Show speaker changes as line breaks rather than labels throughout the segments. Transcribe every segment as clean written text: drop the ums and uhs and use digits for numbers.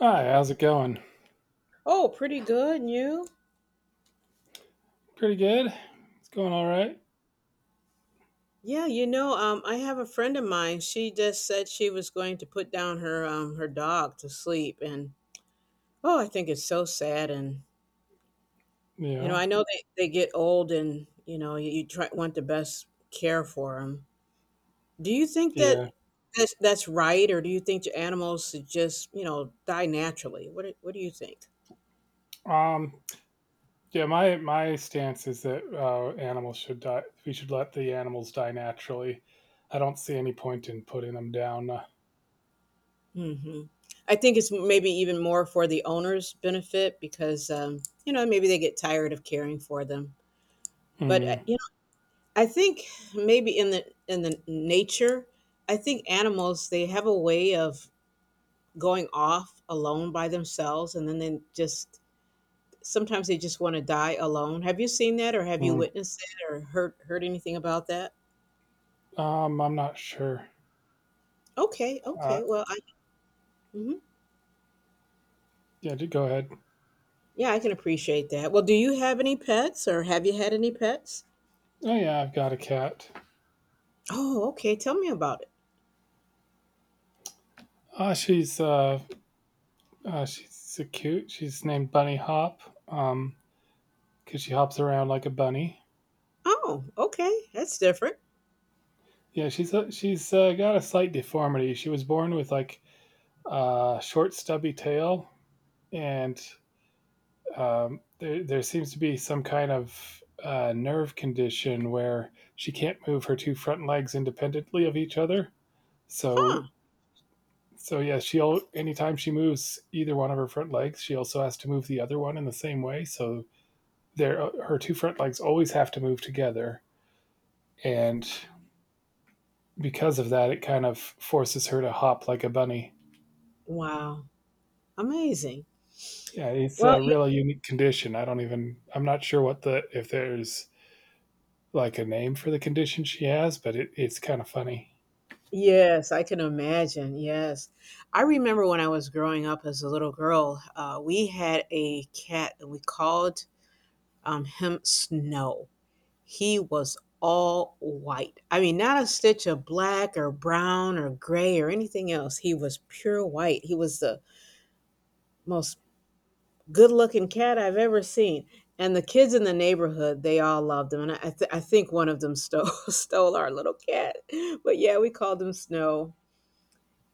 Hi, how's it going?
Oh, pretty good. And You?
Pretty good. It's going all right.
I have a friend of mine. She just said she was going to put down her her dog to sleep, and oh, I think it's so sad. And you know,
Yeah.
I know they get old, and you know, you try want the best care for them. Do you think that
Yeah.
that's right, or do you think the animals should just die naturally? What do you think?
Um yeah, my stance is that animals should die we should let the animals die naturally. I don't see any point in putting them down.
hmm I think it's maybe even more for the owner's benefit because you know maybe they get tired of caring for them. But
Mm.
you know I think maybe in the nature, I think animals, they have a way of going off alone by themselves, and then they just sometimes they just want to die alone. Have you seen that, or have you
Mm.
witnessed it, or heard anything about that?
I'm not sure. Uh
Okay, well, I mhm.
yeah, go ahead.
Yeah, I can appreciate that. Well, do you have any pets, or have you had any pets?
Oh yeah, I've got a cat.
Oh, okay, tell me about it.
Uh she's uh, she's so cute. She's named Bunny Hop. Um cuz she hops around like a bunny.
Oh, okay, that's different.
Yeah, she's got a slight deformity. She was born with short, stubby tail, and there seems to be some kind of nerve condition where she can't move her two front legs independently of each other. So,
Huh.
yeah, she'll anytime she moves either one of her front legs, she also has to move the other one in the same way. So, there, her two front legs always have to move together, and because of that, it kind of forces her to hop like a bunny.
Wow, amazing.
Yeah, it's
Well,
a really unique condition. I don't even. I'm not sure what the if there's like a name for the condition she has, but it's kind of funny.
yes, I can imagine. Yes. I remember when I was growing up as a little girl, we had a cat, and we called him Snow. He was all white. I mean, not a stitch of black or brown or gray or anything else. He was pure white. He was the most good looking cat I've ever seen. And the kids in the neighborhood, they all loved him. And I, th- I think one of them stole, stole our little cat. But yeah, we called him Snow.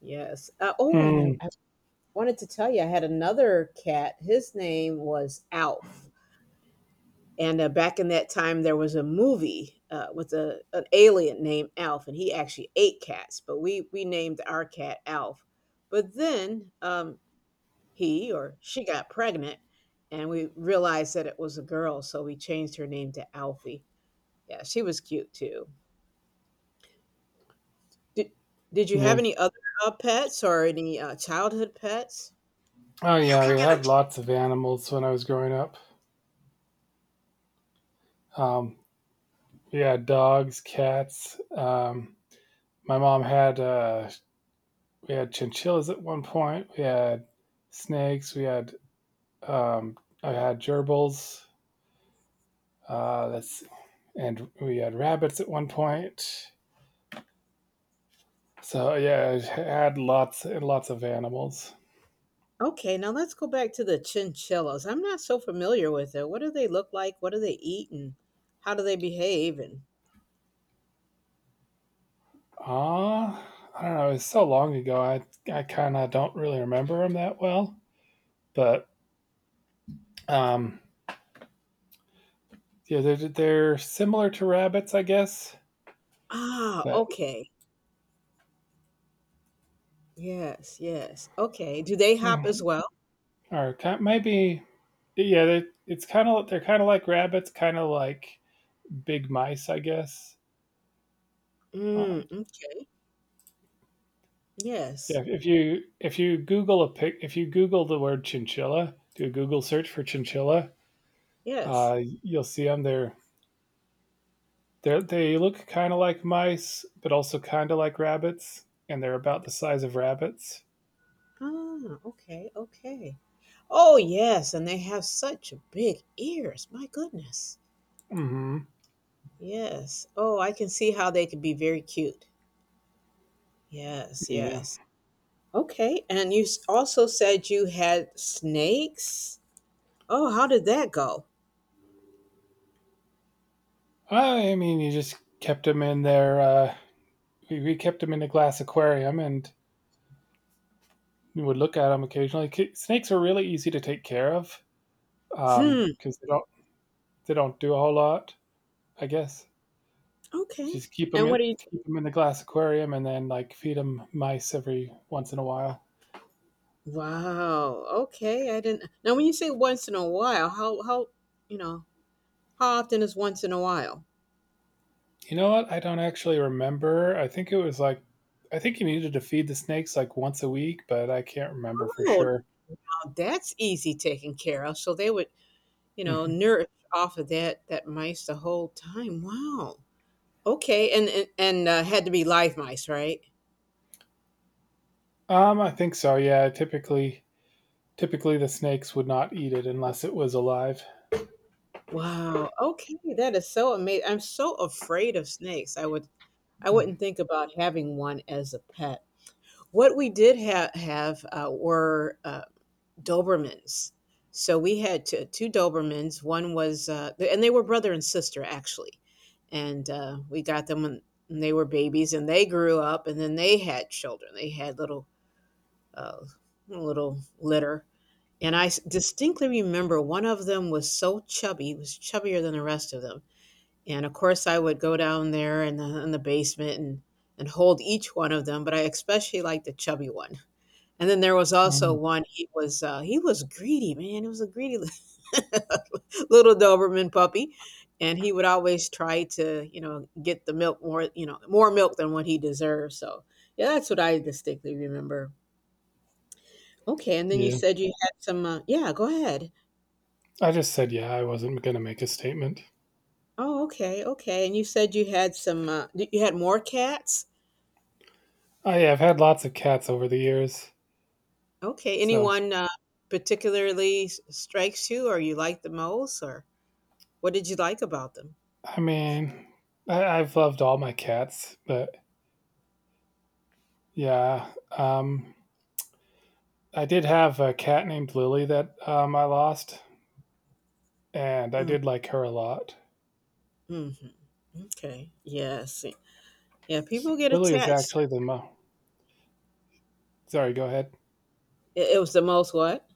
Yes. Oh,
Mm,
I wanted to tell you, I had another cat. His name was Alf. And back in that time, there was a movie with an alien named Alf, and he actually ate cats, but we named our cat Alf. But then he or she got pregnant, and we realized that it was a girl, so we changed her name to Alfie. Yeah, she was cute too. Did, did you have
yeah.
any other pets or any childhood pets?
Oh yeah, I had lots of animals when I was growing up. Um, we had dogs, cats. My mom had we had chinchillas at one point. We had snakes. We had I had gerbils. That's and we had rabbits at one point. So yeah, I had lots and lots of animals.
Okay, now let's go back to the chinchillas. I'm not so familiar with it. What do they look like? What do they eat, and how do they behave? And
Ah, I don't know. It's so long ago. I kind of don't really remember them that well. But um, yeah, they're similar to rabbits, I guess.
ah,
But
okay. Yes, yes. Okay. Do they hop as
mm,
well?
or maybe yeah, it's kind of they're kind of like rabbits, kind of like big mice, I guess. Uh,
Mm, mm, yes,
yeah, if you Google a pic, if you Google the word chinchilla, do a Google search for chinchilla,
yes.
you'll see them. They're, they look kind of like mice, but also kind of like rabbits, and they're about the size of rabbits.
Ah, okay, okay. Oh, yes, and they have such big ears. My goodness.
Mm-hmm.
Yes. Oh, I can see how they could be very cute. Yes,
Yeah.
yes. Okay, and you s- also said you had snakes? Oh, how did that go?
I mean, you just kept them in their. We kept them in a glass aquarium, and we would look at them occasionally. Snakes are really easy to take care of because
Hmm.
they don't do a whole lot. I guess you
Okay.
just
And what do you?
keep them in the glass aquarium, and then like feed them mice every once in a while.
Wow. Okay. I didn't. Now, when you say once in a while, how you know how often is once in a while?
You know what? I don't actually remember. I think it was I think you needed to feed the snakes like once a week, but I can't remember for
Oh,
sure.
now that's easy taken care of. So they would
Mhm.
nourish off of that mice the whole time. Wow. Okay. And had to be live mice, right?
I think so. Yeah, typically the snakes would not eat it unless it was alive.
Wow. Okay, that is so amazing. I'm so afraid of snakes. I
Mm.
wouldn't think about having one as a pet. What we did ha- have were Dobermans. So we had two Dobermans. One was, and they were brother and sister actually. And we got them when they were babies, and they grew up, and then they had children. They had uh, little litter. Distinctly remember one of them was so chubby, he was chubbier than the rest of them. And of course, I would go down there in in the basement and hold each one of them, but I especially liked the chubby one. And then there was also
Um,
one, he was greedy, man, he was a greedy li- little Doberman puppy, and he would always try to, you know, get the milk more, you know, more milk than what he deserved, so, yeah, that's what I distinctly remember. Okay, and then you
yeah,
said you had some, yeah, go ahead.
I just said yeah. I wasn't gonna make a statement.
Oh, okay, okay, and you said you had some, d you had more cats?
Oh yeah, I've had lots of cats over the years,
Okay,
so
anyone, particularly s strikes you, or you like the most, or what did you like about them?
I mean, I've loved all my cats, but yeah, I did have a cat named Lily that I lost. And I
Mm.
did like her a lot.
Hmm. Okay. Yes. Yeah. People get
Lily is
attached.
actually the mo. Sorry, go ahead.
It was the most what?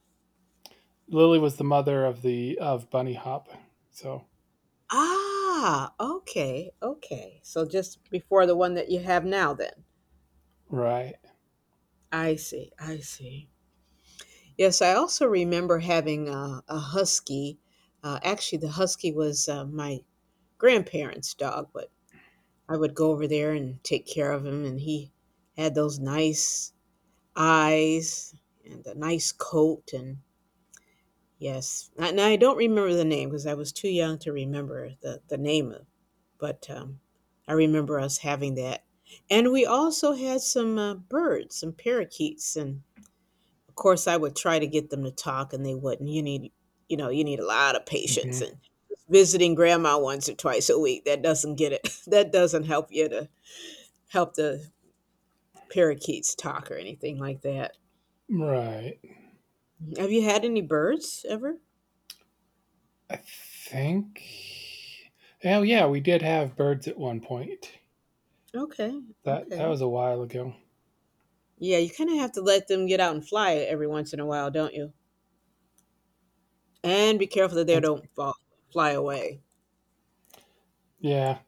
Lily was the mother of Bunny Hop. So
Ah. Okay. Okay. So just before the one that you have now, then.
right.
I see. I see. Yes. I also remember having a husky. Actually, the husky was my grandparents' dog, but I would go over there and take care of him, and he had those nice eyes and a nice coat and yes. And I don't remember the name because I was too young to remember the name of, but I remember us having that. And we also had some birds, some parakeets, and of course I would try to get them to talk, and they wouldn't. You know, you need a lot of patience
Mhm.
and visiting grandma once or twice a week. That doesn't get it. That doesn't help you to help the parakeets talk or anything like that.
Right.
Have you had any birds ever?
I think. Oh yeah, we did have birds at one point.
Okay.
That
Okay.
was a while ago.
Yeah, you kind of have to let them get out and fly every once in a while, don't you? And be careful
I
that they
think so.
don't fall, fly away.
Yeah.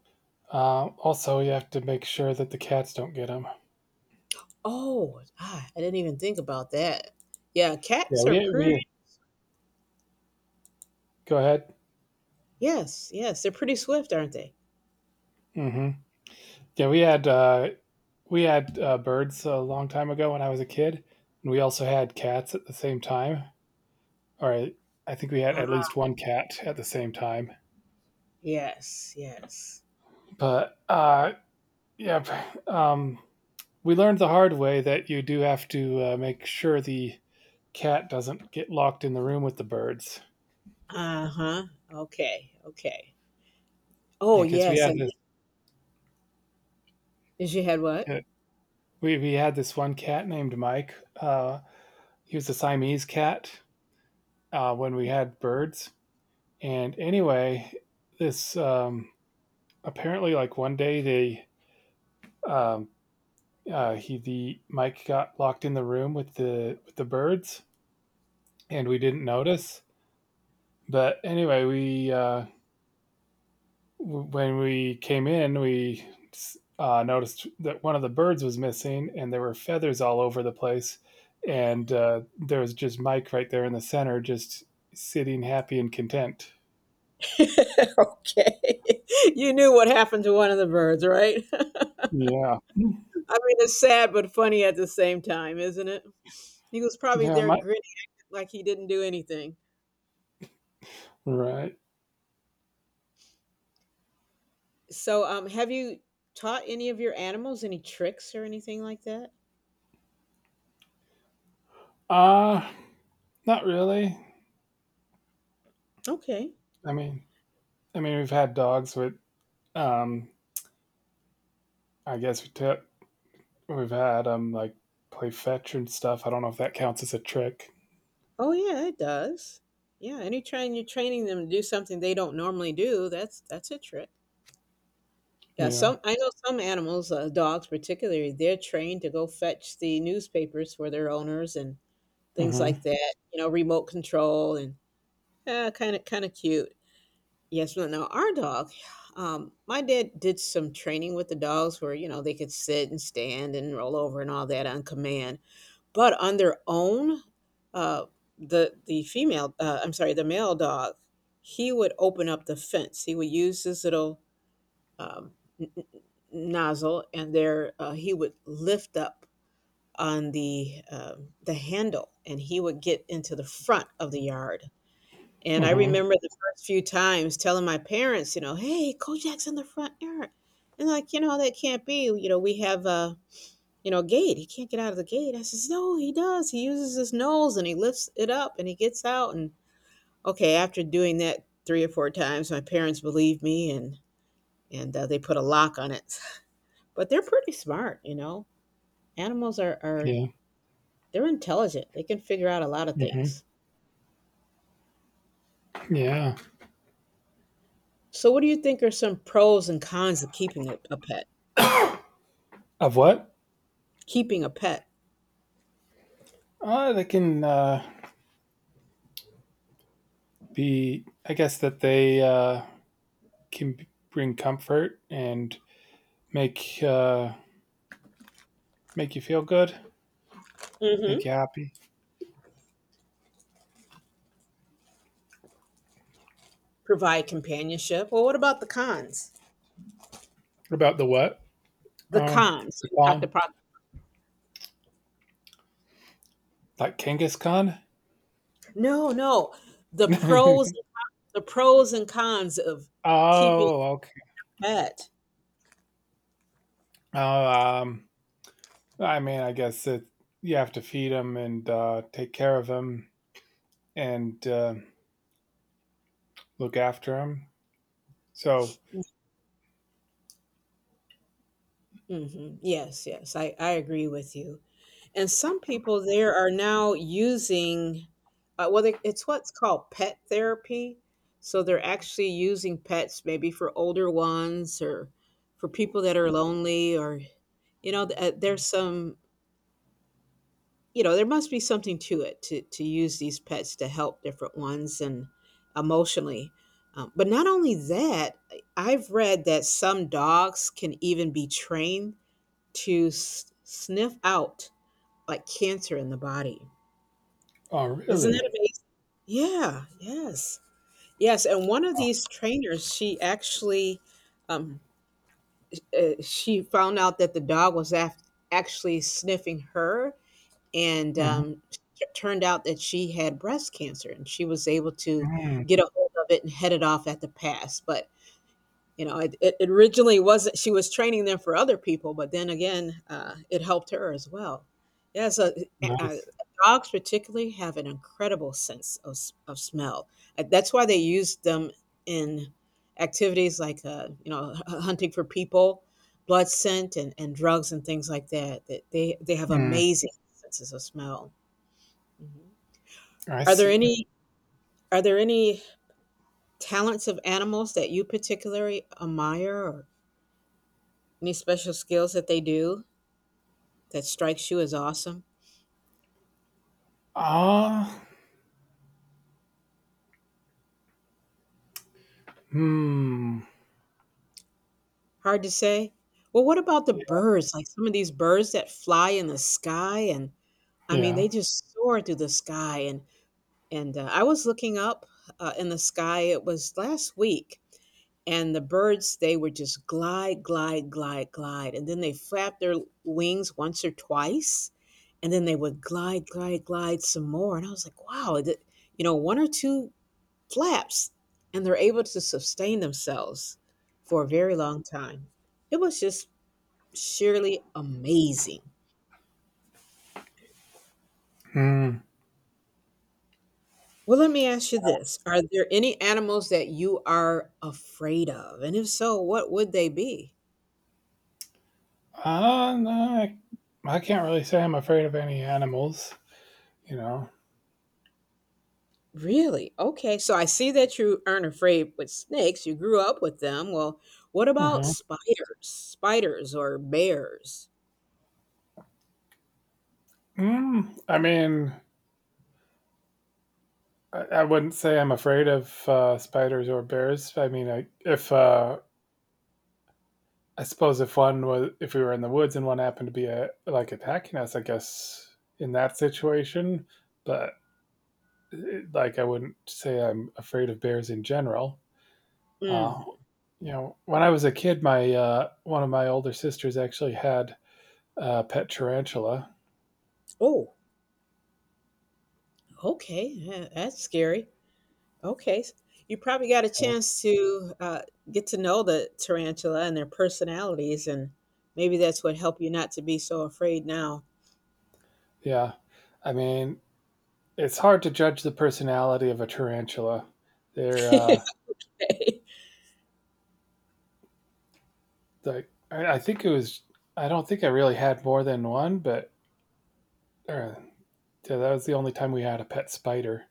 Also, you have to make sure that the cats don't get them.
Oh, ah, I didn't even think about that. Yeah,
Yeah,
cats are
we
pretty.
we go ahead.
Yes, yes, they're pretty swift, aren't they?
Hmm. Yeah, we had birds a long time ago when I was a kid, and we also had cats at the same time. All right. I think we had
Uh,
at least one cat at the same time.
yes, yes.
But yeah, um, we learned the hard way that you do have to make sure the cat doesn't get locked in the room with the birds.
Uh huh. Okay, okay. Oh
Because yeah,
yes, and she had what?
uh, we had this one cat named Mike. He was a Siamese cat when we had birds. And anyway, this apparently like one day they um, he the Mike got locked in the room with the birds and we didn't notice. But anyway, we when we came in, we noticed that one of the birds was missing, and there were feathers all over the place. And there was just Mike right there in the center, just sitting happy and content.
Okay, you knew what happened to one of the birds, right?
Yeah,
I mean, it's sad but funny at the same time, isn't it? He was probably
yeah,
there
Mike.
grinning like he didn't do anything.
Right.
So, have you taught any of your animals any tricks or anything like that?
Uh not really.
Okay.
I mean, I mean, we've had dogs, with, um, I guess we've had like play fetch and stuff. I don't know if that counts as a trick.
Oh yeah, it does. Yeah, anytime you're training them to do something they don't normally do, that's a trick. Yeah,
You know.
some I know some animals, dogs particularly, they're trained to go fetch the newspapers for their owners and things
Hmm.
like that. You know, remote control and kind of cute. Yes, but no. Our dog, my dad did some training with the dogs where, you know, they could sit and stand and roll over and all that on command. But on their own, uh, the female, I'm sorry, the male dog, he would open up the fence. He would use his little um, n- n- nozzle, and there he would lift up on the handle, and he would get into the front of the yard. And I
Mhm.
remember the first few times telling my parents, you know, "Hey, Kojak's in the front yard," and like, you know, that can't be. You know, we have a gate. He can't get out of the gate. I says, "No, he does. He uses his nose and he lifts it up and he gets out." And okay, after doing that three or four times, my parents believed me, and they put a lock on it. But they're pretty smart, you know. Animals are
Yeah.
they're intelligent. They can figure out a lot of
Mhm.
things.
Yeah.
So, what do you think are some pros and cons of keeping a pet?
Of what?
Keeping a pet.
They can be. I guess that they can bring comfort and make uh, make you feel good,
Hmm.
make you happy.
Provide companionship. Well, what about the cons?
What about the what?
The
Um,
cons. So
the
we talked
Khan,
about
like Genghis Khan.
no, no. The pros, and con- the pros and cons of keeping
Oh, okay.
a pet.
Oh, um, I mean, I guess it. You have to feed him and take care of him and look after him. So,
Hmm. Yes, I agree with you. And some people there are now using, it's what's called pet therapy. So they're actually using pets maybe for older ones or for people that are lonely, or, you know, there's some you know there must be something to it to use these pets to help different ones and emotionally. But not only that, I've read that some dogs can even be trained to sniff out like cancer in the body.
oh,
Isn't
really?
that amazing? Yeah, yes, yes. And one of
Oh.
these trainers, she actually um, she found out that the dog was actually sniffing her, and, t turned out that she had breast cancer, and she was able to
Mhm.
get a hold of it and head it off at the pass. But you know it, it originally wasn't she was training them for other people, but then again, it helped her as well. Yeah, so uh, uh,
Nice.
dogs particularly have an incredible sense of, of smell. That's why they use them in activities like you know hunting for people, blood scent, and drugs and things like that. They have
Mm,
amazing senses of smell. Mhm.
I
are there
see.
any are there any talents of animals that you particularly admire? Any special skills that they do that strikes you as awesome?
Ah. Hmm.
Hard to say. Well, what about the birds? Like some of these birds that fly in the sky, and I mean, they
Yeah.
just soar through the sky. And I was looking up in the sky. It was last week, and the birds they were just glide, glide, glide, glide, and then they flapped their wings once or twice, and then they would glide, glide, glide some more. And I was like, wow, one or two flaps, and they're able to sustain themselves for a very long time. It was just sheerly amazing.
Hmm.
Well, let me ask you this. Are there any animals that you are afraid of? And if so, what would they be?
Ah. No, I can't really say I'm afraid of any animals, you know.
Really? Okay. So I see that you aren't afraid with snakes. You grew up with them. Well, what about
hmm
spiders? Spiders or bears?
Mm, I mean, I wouldn't say I'm afraid of spiders or bears. I mean, if I suppose if one was, if we were in the woods and one happened to be like attacking us, I guess in that situation. But like, I wouldn't say I'm afraid of bears in general. Uh,
Hmm.
when I was a kid, my one of my older sisters actually had a pet tarantula.
Oh, okay. Yeah, that's scary. Okay. You probably got a
you know.
chance to get to know the tarantula and their personalities, and maybe that's what helped you not to be so afraid now.
Yeah, I mean, it's hard to judge the personality of a tarantula. They're like I think it was. I don't think I really had more than one, but uh, yeah, that was the only time we had a pet spider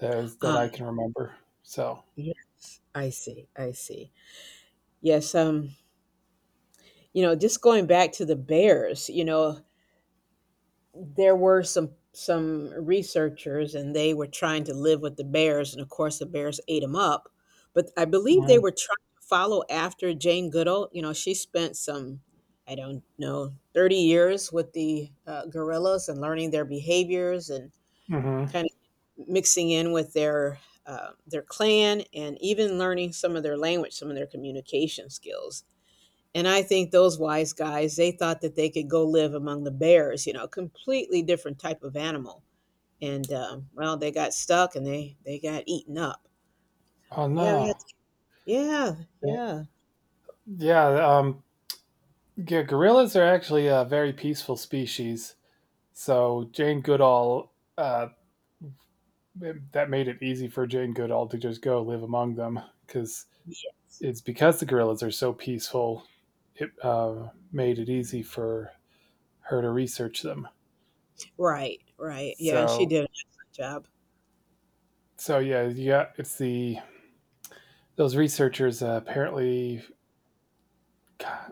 that is, that I
um,
can remember. So,
yeah, I see. I see. Yes. You know, just going back to the bears. There were some researchers, and they were trying to live with the bears, and of course the bears ate them up. But I believe they were trying to follow after Jane Goodall. She spent some, I don't know, 30 years with the gorillas and learning their behaviors, and
mm-hmm.
kind of mixing in with their their clan, and even learning some of their language, some of their communication skills. And I think those wise guys, they thought that they could go live among the bears, completely different type of animal. And well, they got stuck, and they got eaten up.
Oh
So yeah, we had.
no,
Yeah,
yeah,
yeah.
yeah, yeah. Gorillas are actually a very peaceful species. So that made it easy for Jane Goodall to just go live among them because it's because the gorillas are so peaceful. It made it easy for her to research them.
Right, right. Yeah, she
So,
did an excellent job.
yeah, yeah, it's the those researchers apparently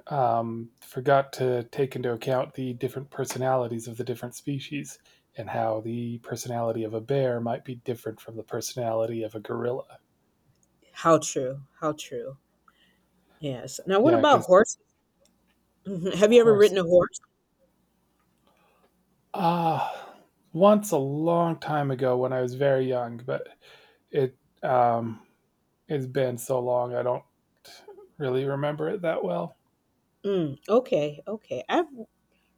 forgot to take into account the different personalities of the different species and how the personality of a bear might be different from the personality of a gorilla.
How true, how true. Yes. Now, what
Yeah,
about
because
horses? Mhm. Have you ever ridden a
horses.
horse?
Ah, once a long time ago when I was very young, but it um it's been so long I don't really remember it that well.
Mm, okay, okay. I've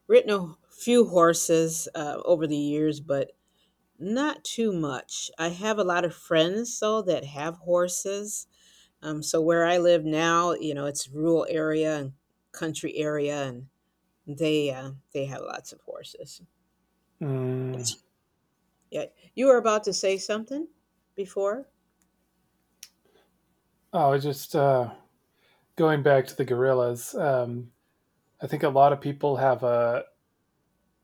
ridden a few horses over the years, but not too much. I have a lot of friends though that have horses. So where I live now, it's rural area and country area, and they have lots of horses.
Mm.
Yes. Yeah. You were about to say something before.
Oh, I just going back to the gorillas. I think a lot of people have a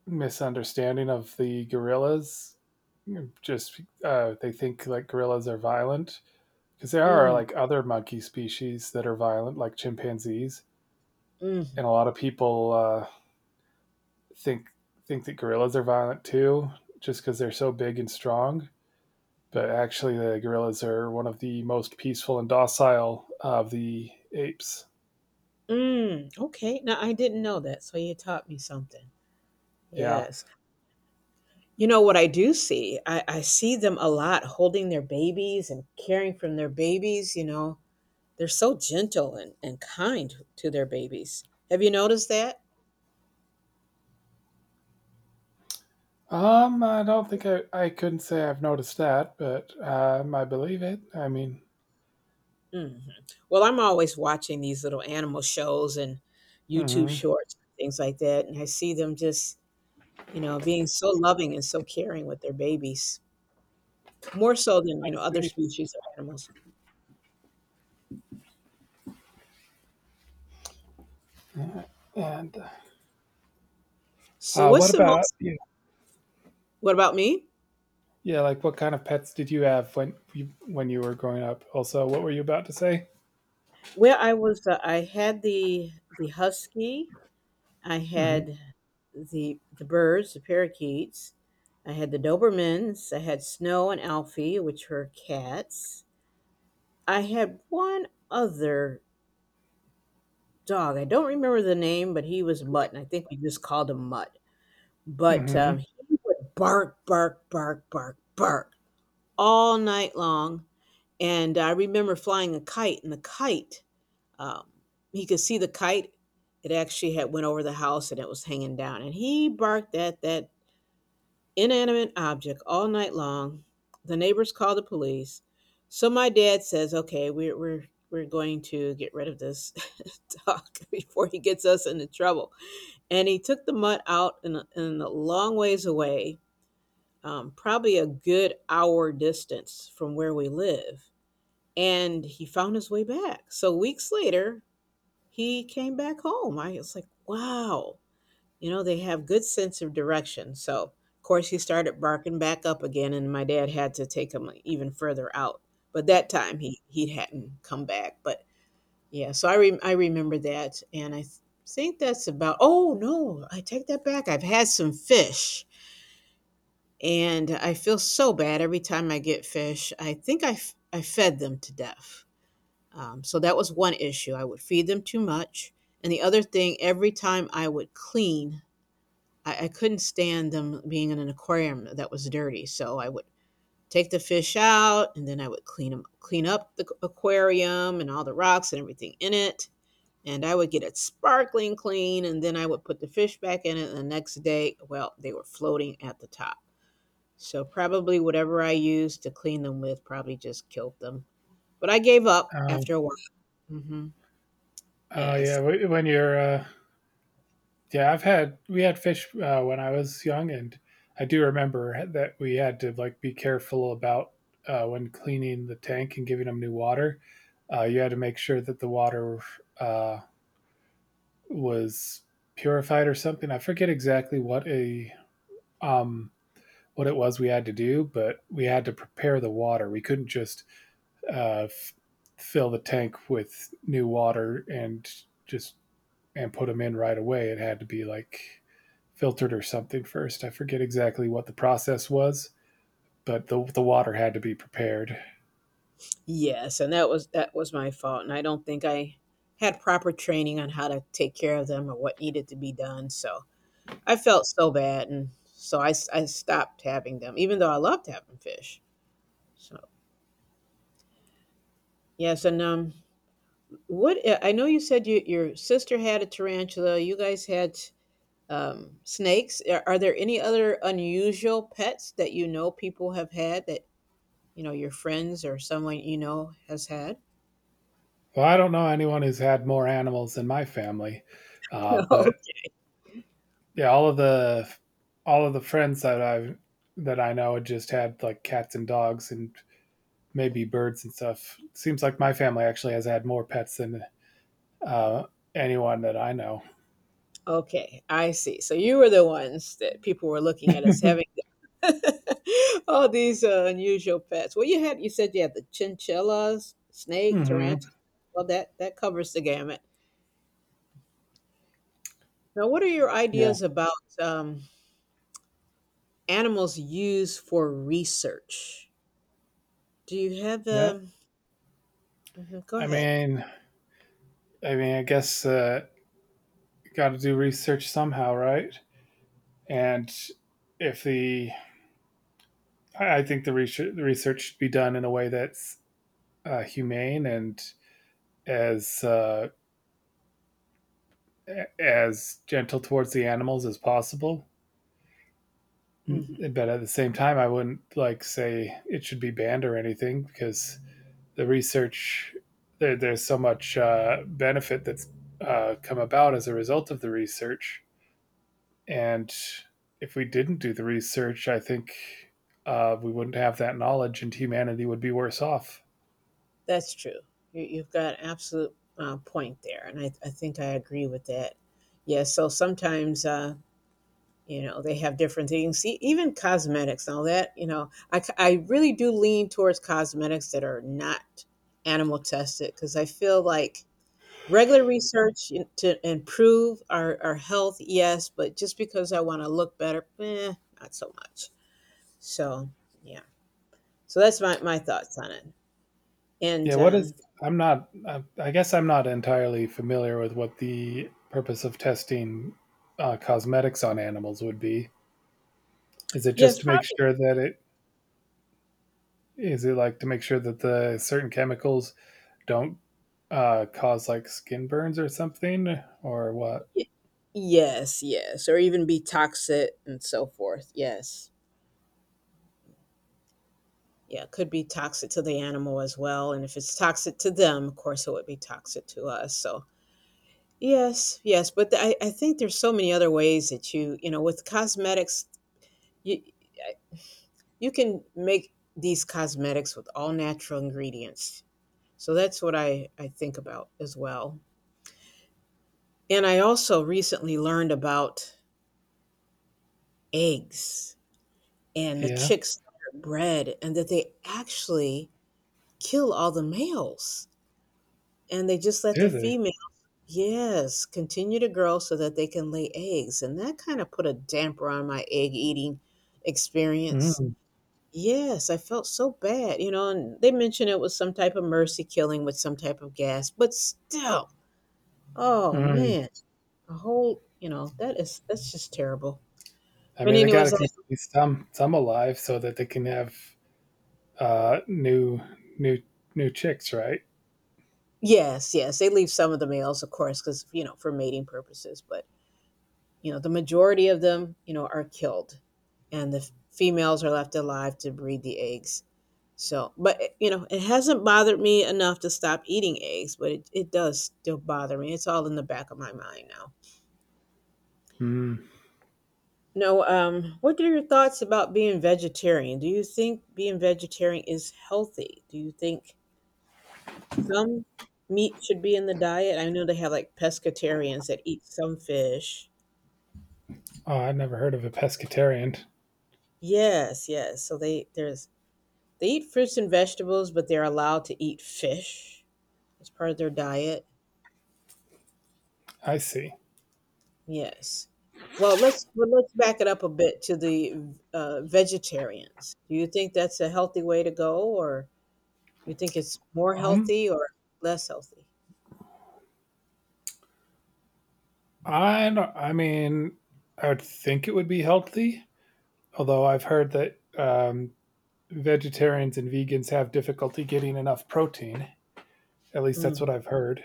misunderstanding of the gorillas. Just they think like gorillas are violent because there are
Mm,
like other monkey species that are violent like chimpanzees
mhm,
and a lot of people think think that gorillas are violent too, just because they're so big and strong. But actually, the gorillas are one of the most peaceful and docile of the apes.
mm, okay. Now I didn't know that, so you taught me something.
Yeah.
Yes. You know what I do see? I see them a lot holding their babies and caring for their babies. They're so gentle and kind to their babies. Have you noticed that?
I don't think I couldn't say I've noticed that, but I believe it. I mean,
Hmm. Well, I'm always watching these little animal shows and YouTube
hmm, I
shorts, and things like that. And I see them just, being so loving and so caring with their babies, more so than, other
see.
species of animals.
And
So,
what
what's the
about
most?
you?
What about me?
Yeah, like what kind of pets did you have when you were growing up? Also, what were you about to say?
Well, I had the husky. I
Mm-hmm.
had the birds, the parakeets. I had the Dobermans. I had Snow and Alfie, which were cats. I had one other dog. I don't remember the name, but he was Mutt, and I think we just called him Mutt. But
Mm-hmm.
he would bark, bark, bark, bark, bark all night long. And I remember flying a kite, and the kite, um, he could see the kite. It actually had went over the house, and it was hanging down. And he barked at that inanimate object all night long. The neighbors call the police. So my dad says, "Okay, we're going to get rid of this dog before he gets us into trouble." And he took the mutt out in a long ways away, probably a good hour distance from where we live, and he found his way back. So weeks later, he came back home. I was like, "Wow." You know, they have good sense of direction. So, of course, he started barking back up again, and my dad had to take him even further out. But that time he hadn't come back. But yeah, so I remember that, and think that's about. Oh no, I take that back. I've had some fish, and I feel so bad every time I get fish. I think I fed them to death. So that was one issue. I would feed them too much. And the other thing, every time I would clean, I couldn't stand them being in an aquarium that was dirty. So I would take the fish out, and then I would clean them, clean up the aquarium and all the rocks and everything in it. And I would get it sparkling clean, and then I would put the fish back in it. And the next day, well, they were floating at the top. So probably whatever I used to clean them with probably just killed them. But I gave up
Um,
after a while. Hmm.
oh
Yes.
yeah, wh- when you're yeah, I've had we had fish when I was young, and I do remember that we had to like be careful about when cleaning the tank and giving them new water. You had to make sure that the water uh, was purified or something. I forget exactly um, what it was we had to do, but we had to prepare the water. We couldn't just uh, f- fill the tank with new water just and put them in right away. It had to be like filtered or something first. I forget exactly what the process was, but the water had to be prepared.
Yes, and that was my fault, and I don't think I had proper training on how to take care of them or what needed to be done. So I felt so bad, and so I stopped having them, even though I loved having fish. So yes, and what I know you said your sister had a tarantula. You guys had snakes. Are there any other unusual pets that you know people have had, that you know your friends or someone you know has had?
Well, I don't know anyone who's had more animals than my family, but yeah, all of the friends that I know had just had like cats and dogs and maybe birds and stuff. Seems like my family actually has had more pets than uh, anyone that I know.
Okay, I see. So you were the ones that people were looking at as having all these unusual pets. Well, you said you had the chinchillas, snake,
Hmm.
tarantula. Well, that covers the gamut. Now, what are your
Yeah.
ideas about um, animals used for research? Do you have
Yeah.
mhm, go
I
ahead.
mean, I mean, I guess got to do research somehow, right? And if the I think the research should be done in a way that's humane and as uh, as gentle towards the animals as possible.
Hmm.
Mm. But at the same time, I wouldn't like say it should be banned or anything because the research there's so much benefit that's come about as a result of the research. And if we didn't do the research, I think we wouldn't have that knowledge, and humanity would be worse off.
That's true. You've got an absolute point there, and I think I agree with that. Yes. So sometimes. You know, they have different things. See, even cosmetics and all that, I really do lean towards cosmetics that are not animal tested, because I feel like regular to improve our health, yes, but just because I want to look better, not so much. So yeah, so that's my thoughts on it.
Yeah,
And
what is? I'm not. I guess I'm not entirely familiar with what the purpose of testing cosmetics on animals would be. Is it just
yes,
to make sure that it is it like to make sure that the certain chemicals don't cause like skin burns or something or what?
probably. Yes, yes, or even be toxic and so forth. Yes. Yeah, could be toxic to the animal as well. And if it's toxic to them, of course, it would be toxic to us. So, yes, yes. But I think there's so many other ways that with cosmetics, you, you can make these cosmetics with all natural ingredients. So that's what I think about as well. And I also recently learned about eggs, and the
Yeah,
chicks that are bred, and that they actually kill all the males, and they just let
do
the
they?
females. Yes, continue to grow so that they can lay eggs. And that kind of put a damper on my egg eating experience.
Mm,
Yes, I felt so bad. And they mentioned it was some type of mercy killing with some type of gas, but still, oh
mm.
man, a whole, that's just terrible.
I
But
mean, they got to
anyways,
keep at least some alive so that they can have uh, new new new chicks, right?
yes, yes, they leave some of the males, of course, because for mating purposes. But the majority of them, are killed, and the females are left alive to breed the eggs. So, but it hasn't bothered me enough to stop eating eggs, but it does still bother me. It's all in the back of my mind now.
Mm.
No, what are your thoughts about being vegetarian? Do you think being vegetarian is healthy? Do you think some meat should be in the diet? I know they have like pescatarians that eat some fish.
Oh, I never heard of a pescatarian.
Yes, yes. So, they eat fruits and vegetables, but they're allowed to eat fish as part of their diet.
I see.
Yes. Well, let's back it up a bit to the vegetarians. Do you think that's a healthy way to go, or you think it's more
Um,
healthy or less healthy?
I don't, I mean, I would think it would be healthy, although I've heard that vegetarians and vegans have difficulty getting enough protein. At least that's what
Mm.
I've heard.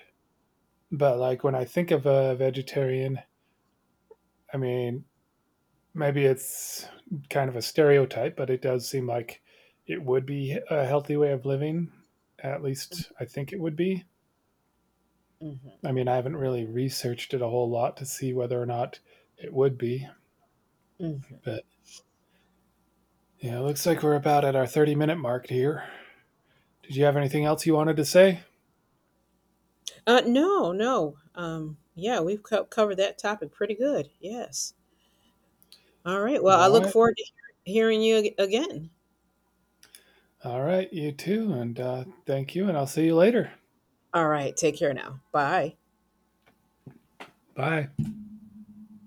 But like when I think of a vegetarian, I mean, maybe it's kind of a stereotype, but it does seem like it would be a healthy way of living. At least I think it would be.
Hmm.
I mean, I haven't really researched it a whole lot to see whether or not it would be,
Hmm.
but yeah, it looks like we're about at our 30-minute minute mark here. Did you have anything else you wanted to say?
No, no. Yeah, we've covered that topic pretty good. Yes. All right. Well, I
All
look
right.
forward to hearing you again.
All right. You too. And thank you. And I'll see you later.
All right. Take care now. Bye.
Bye.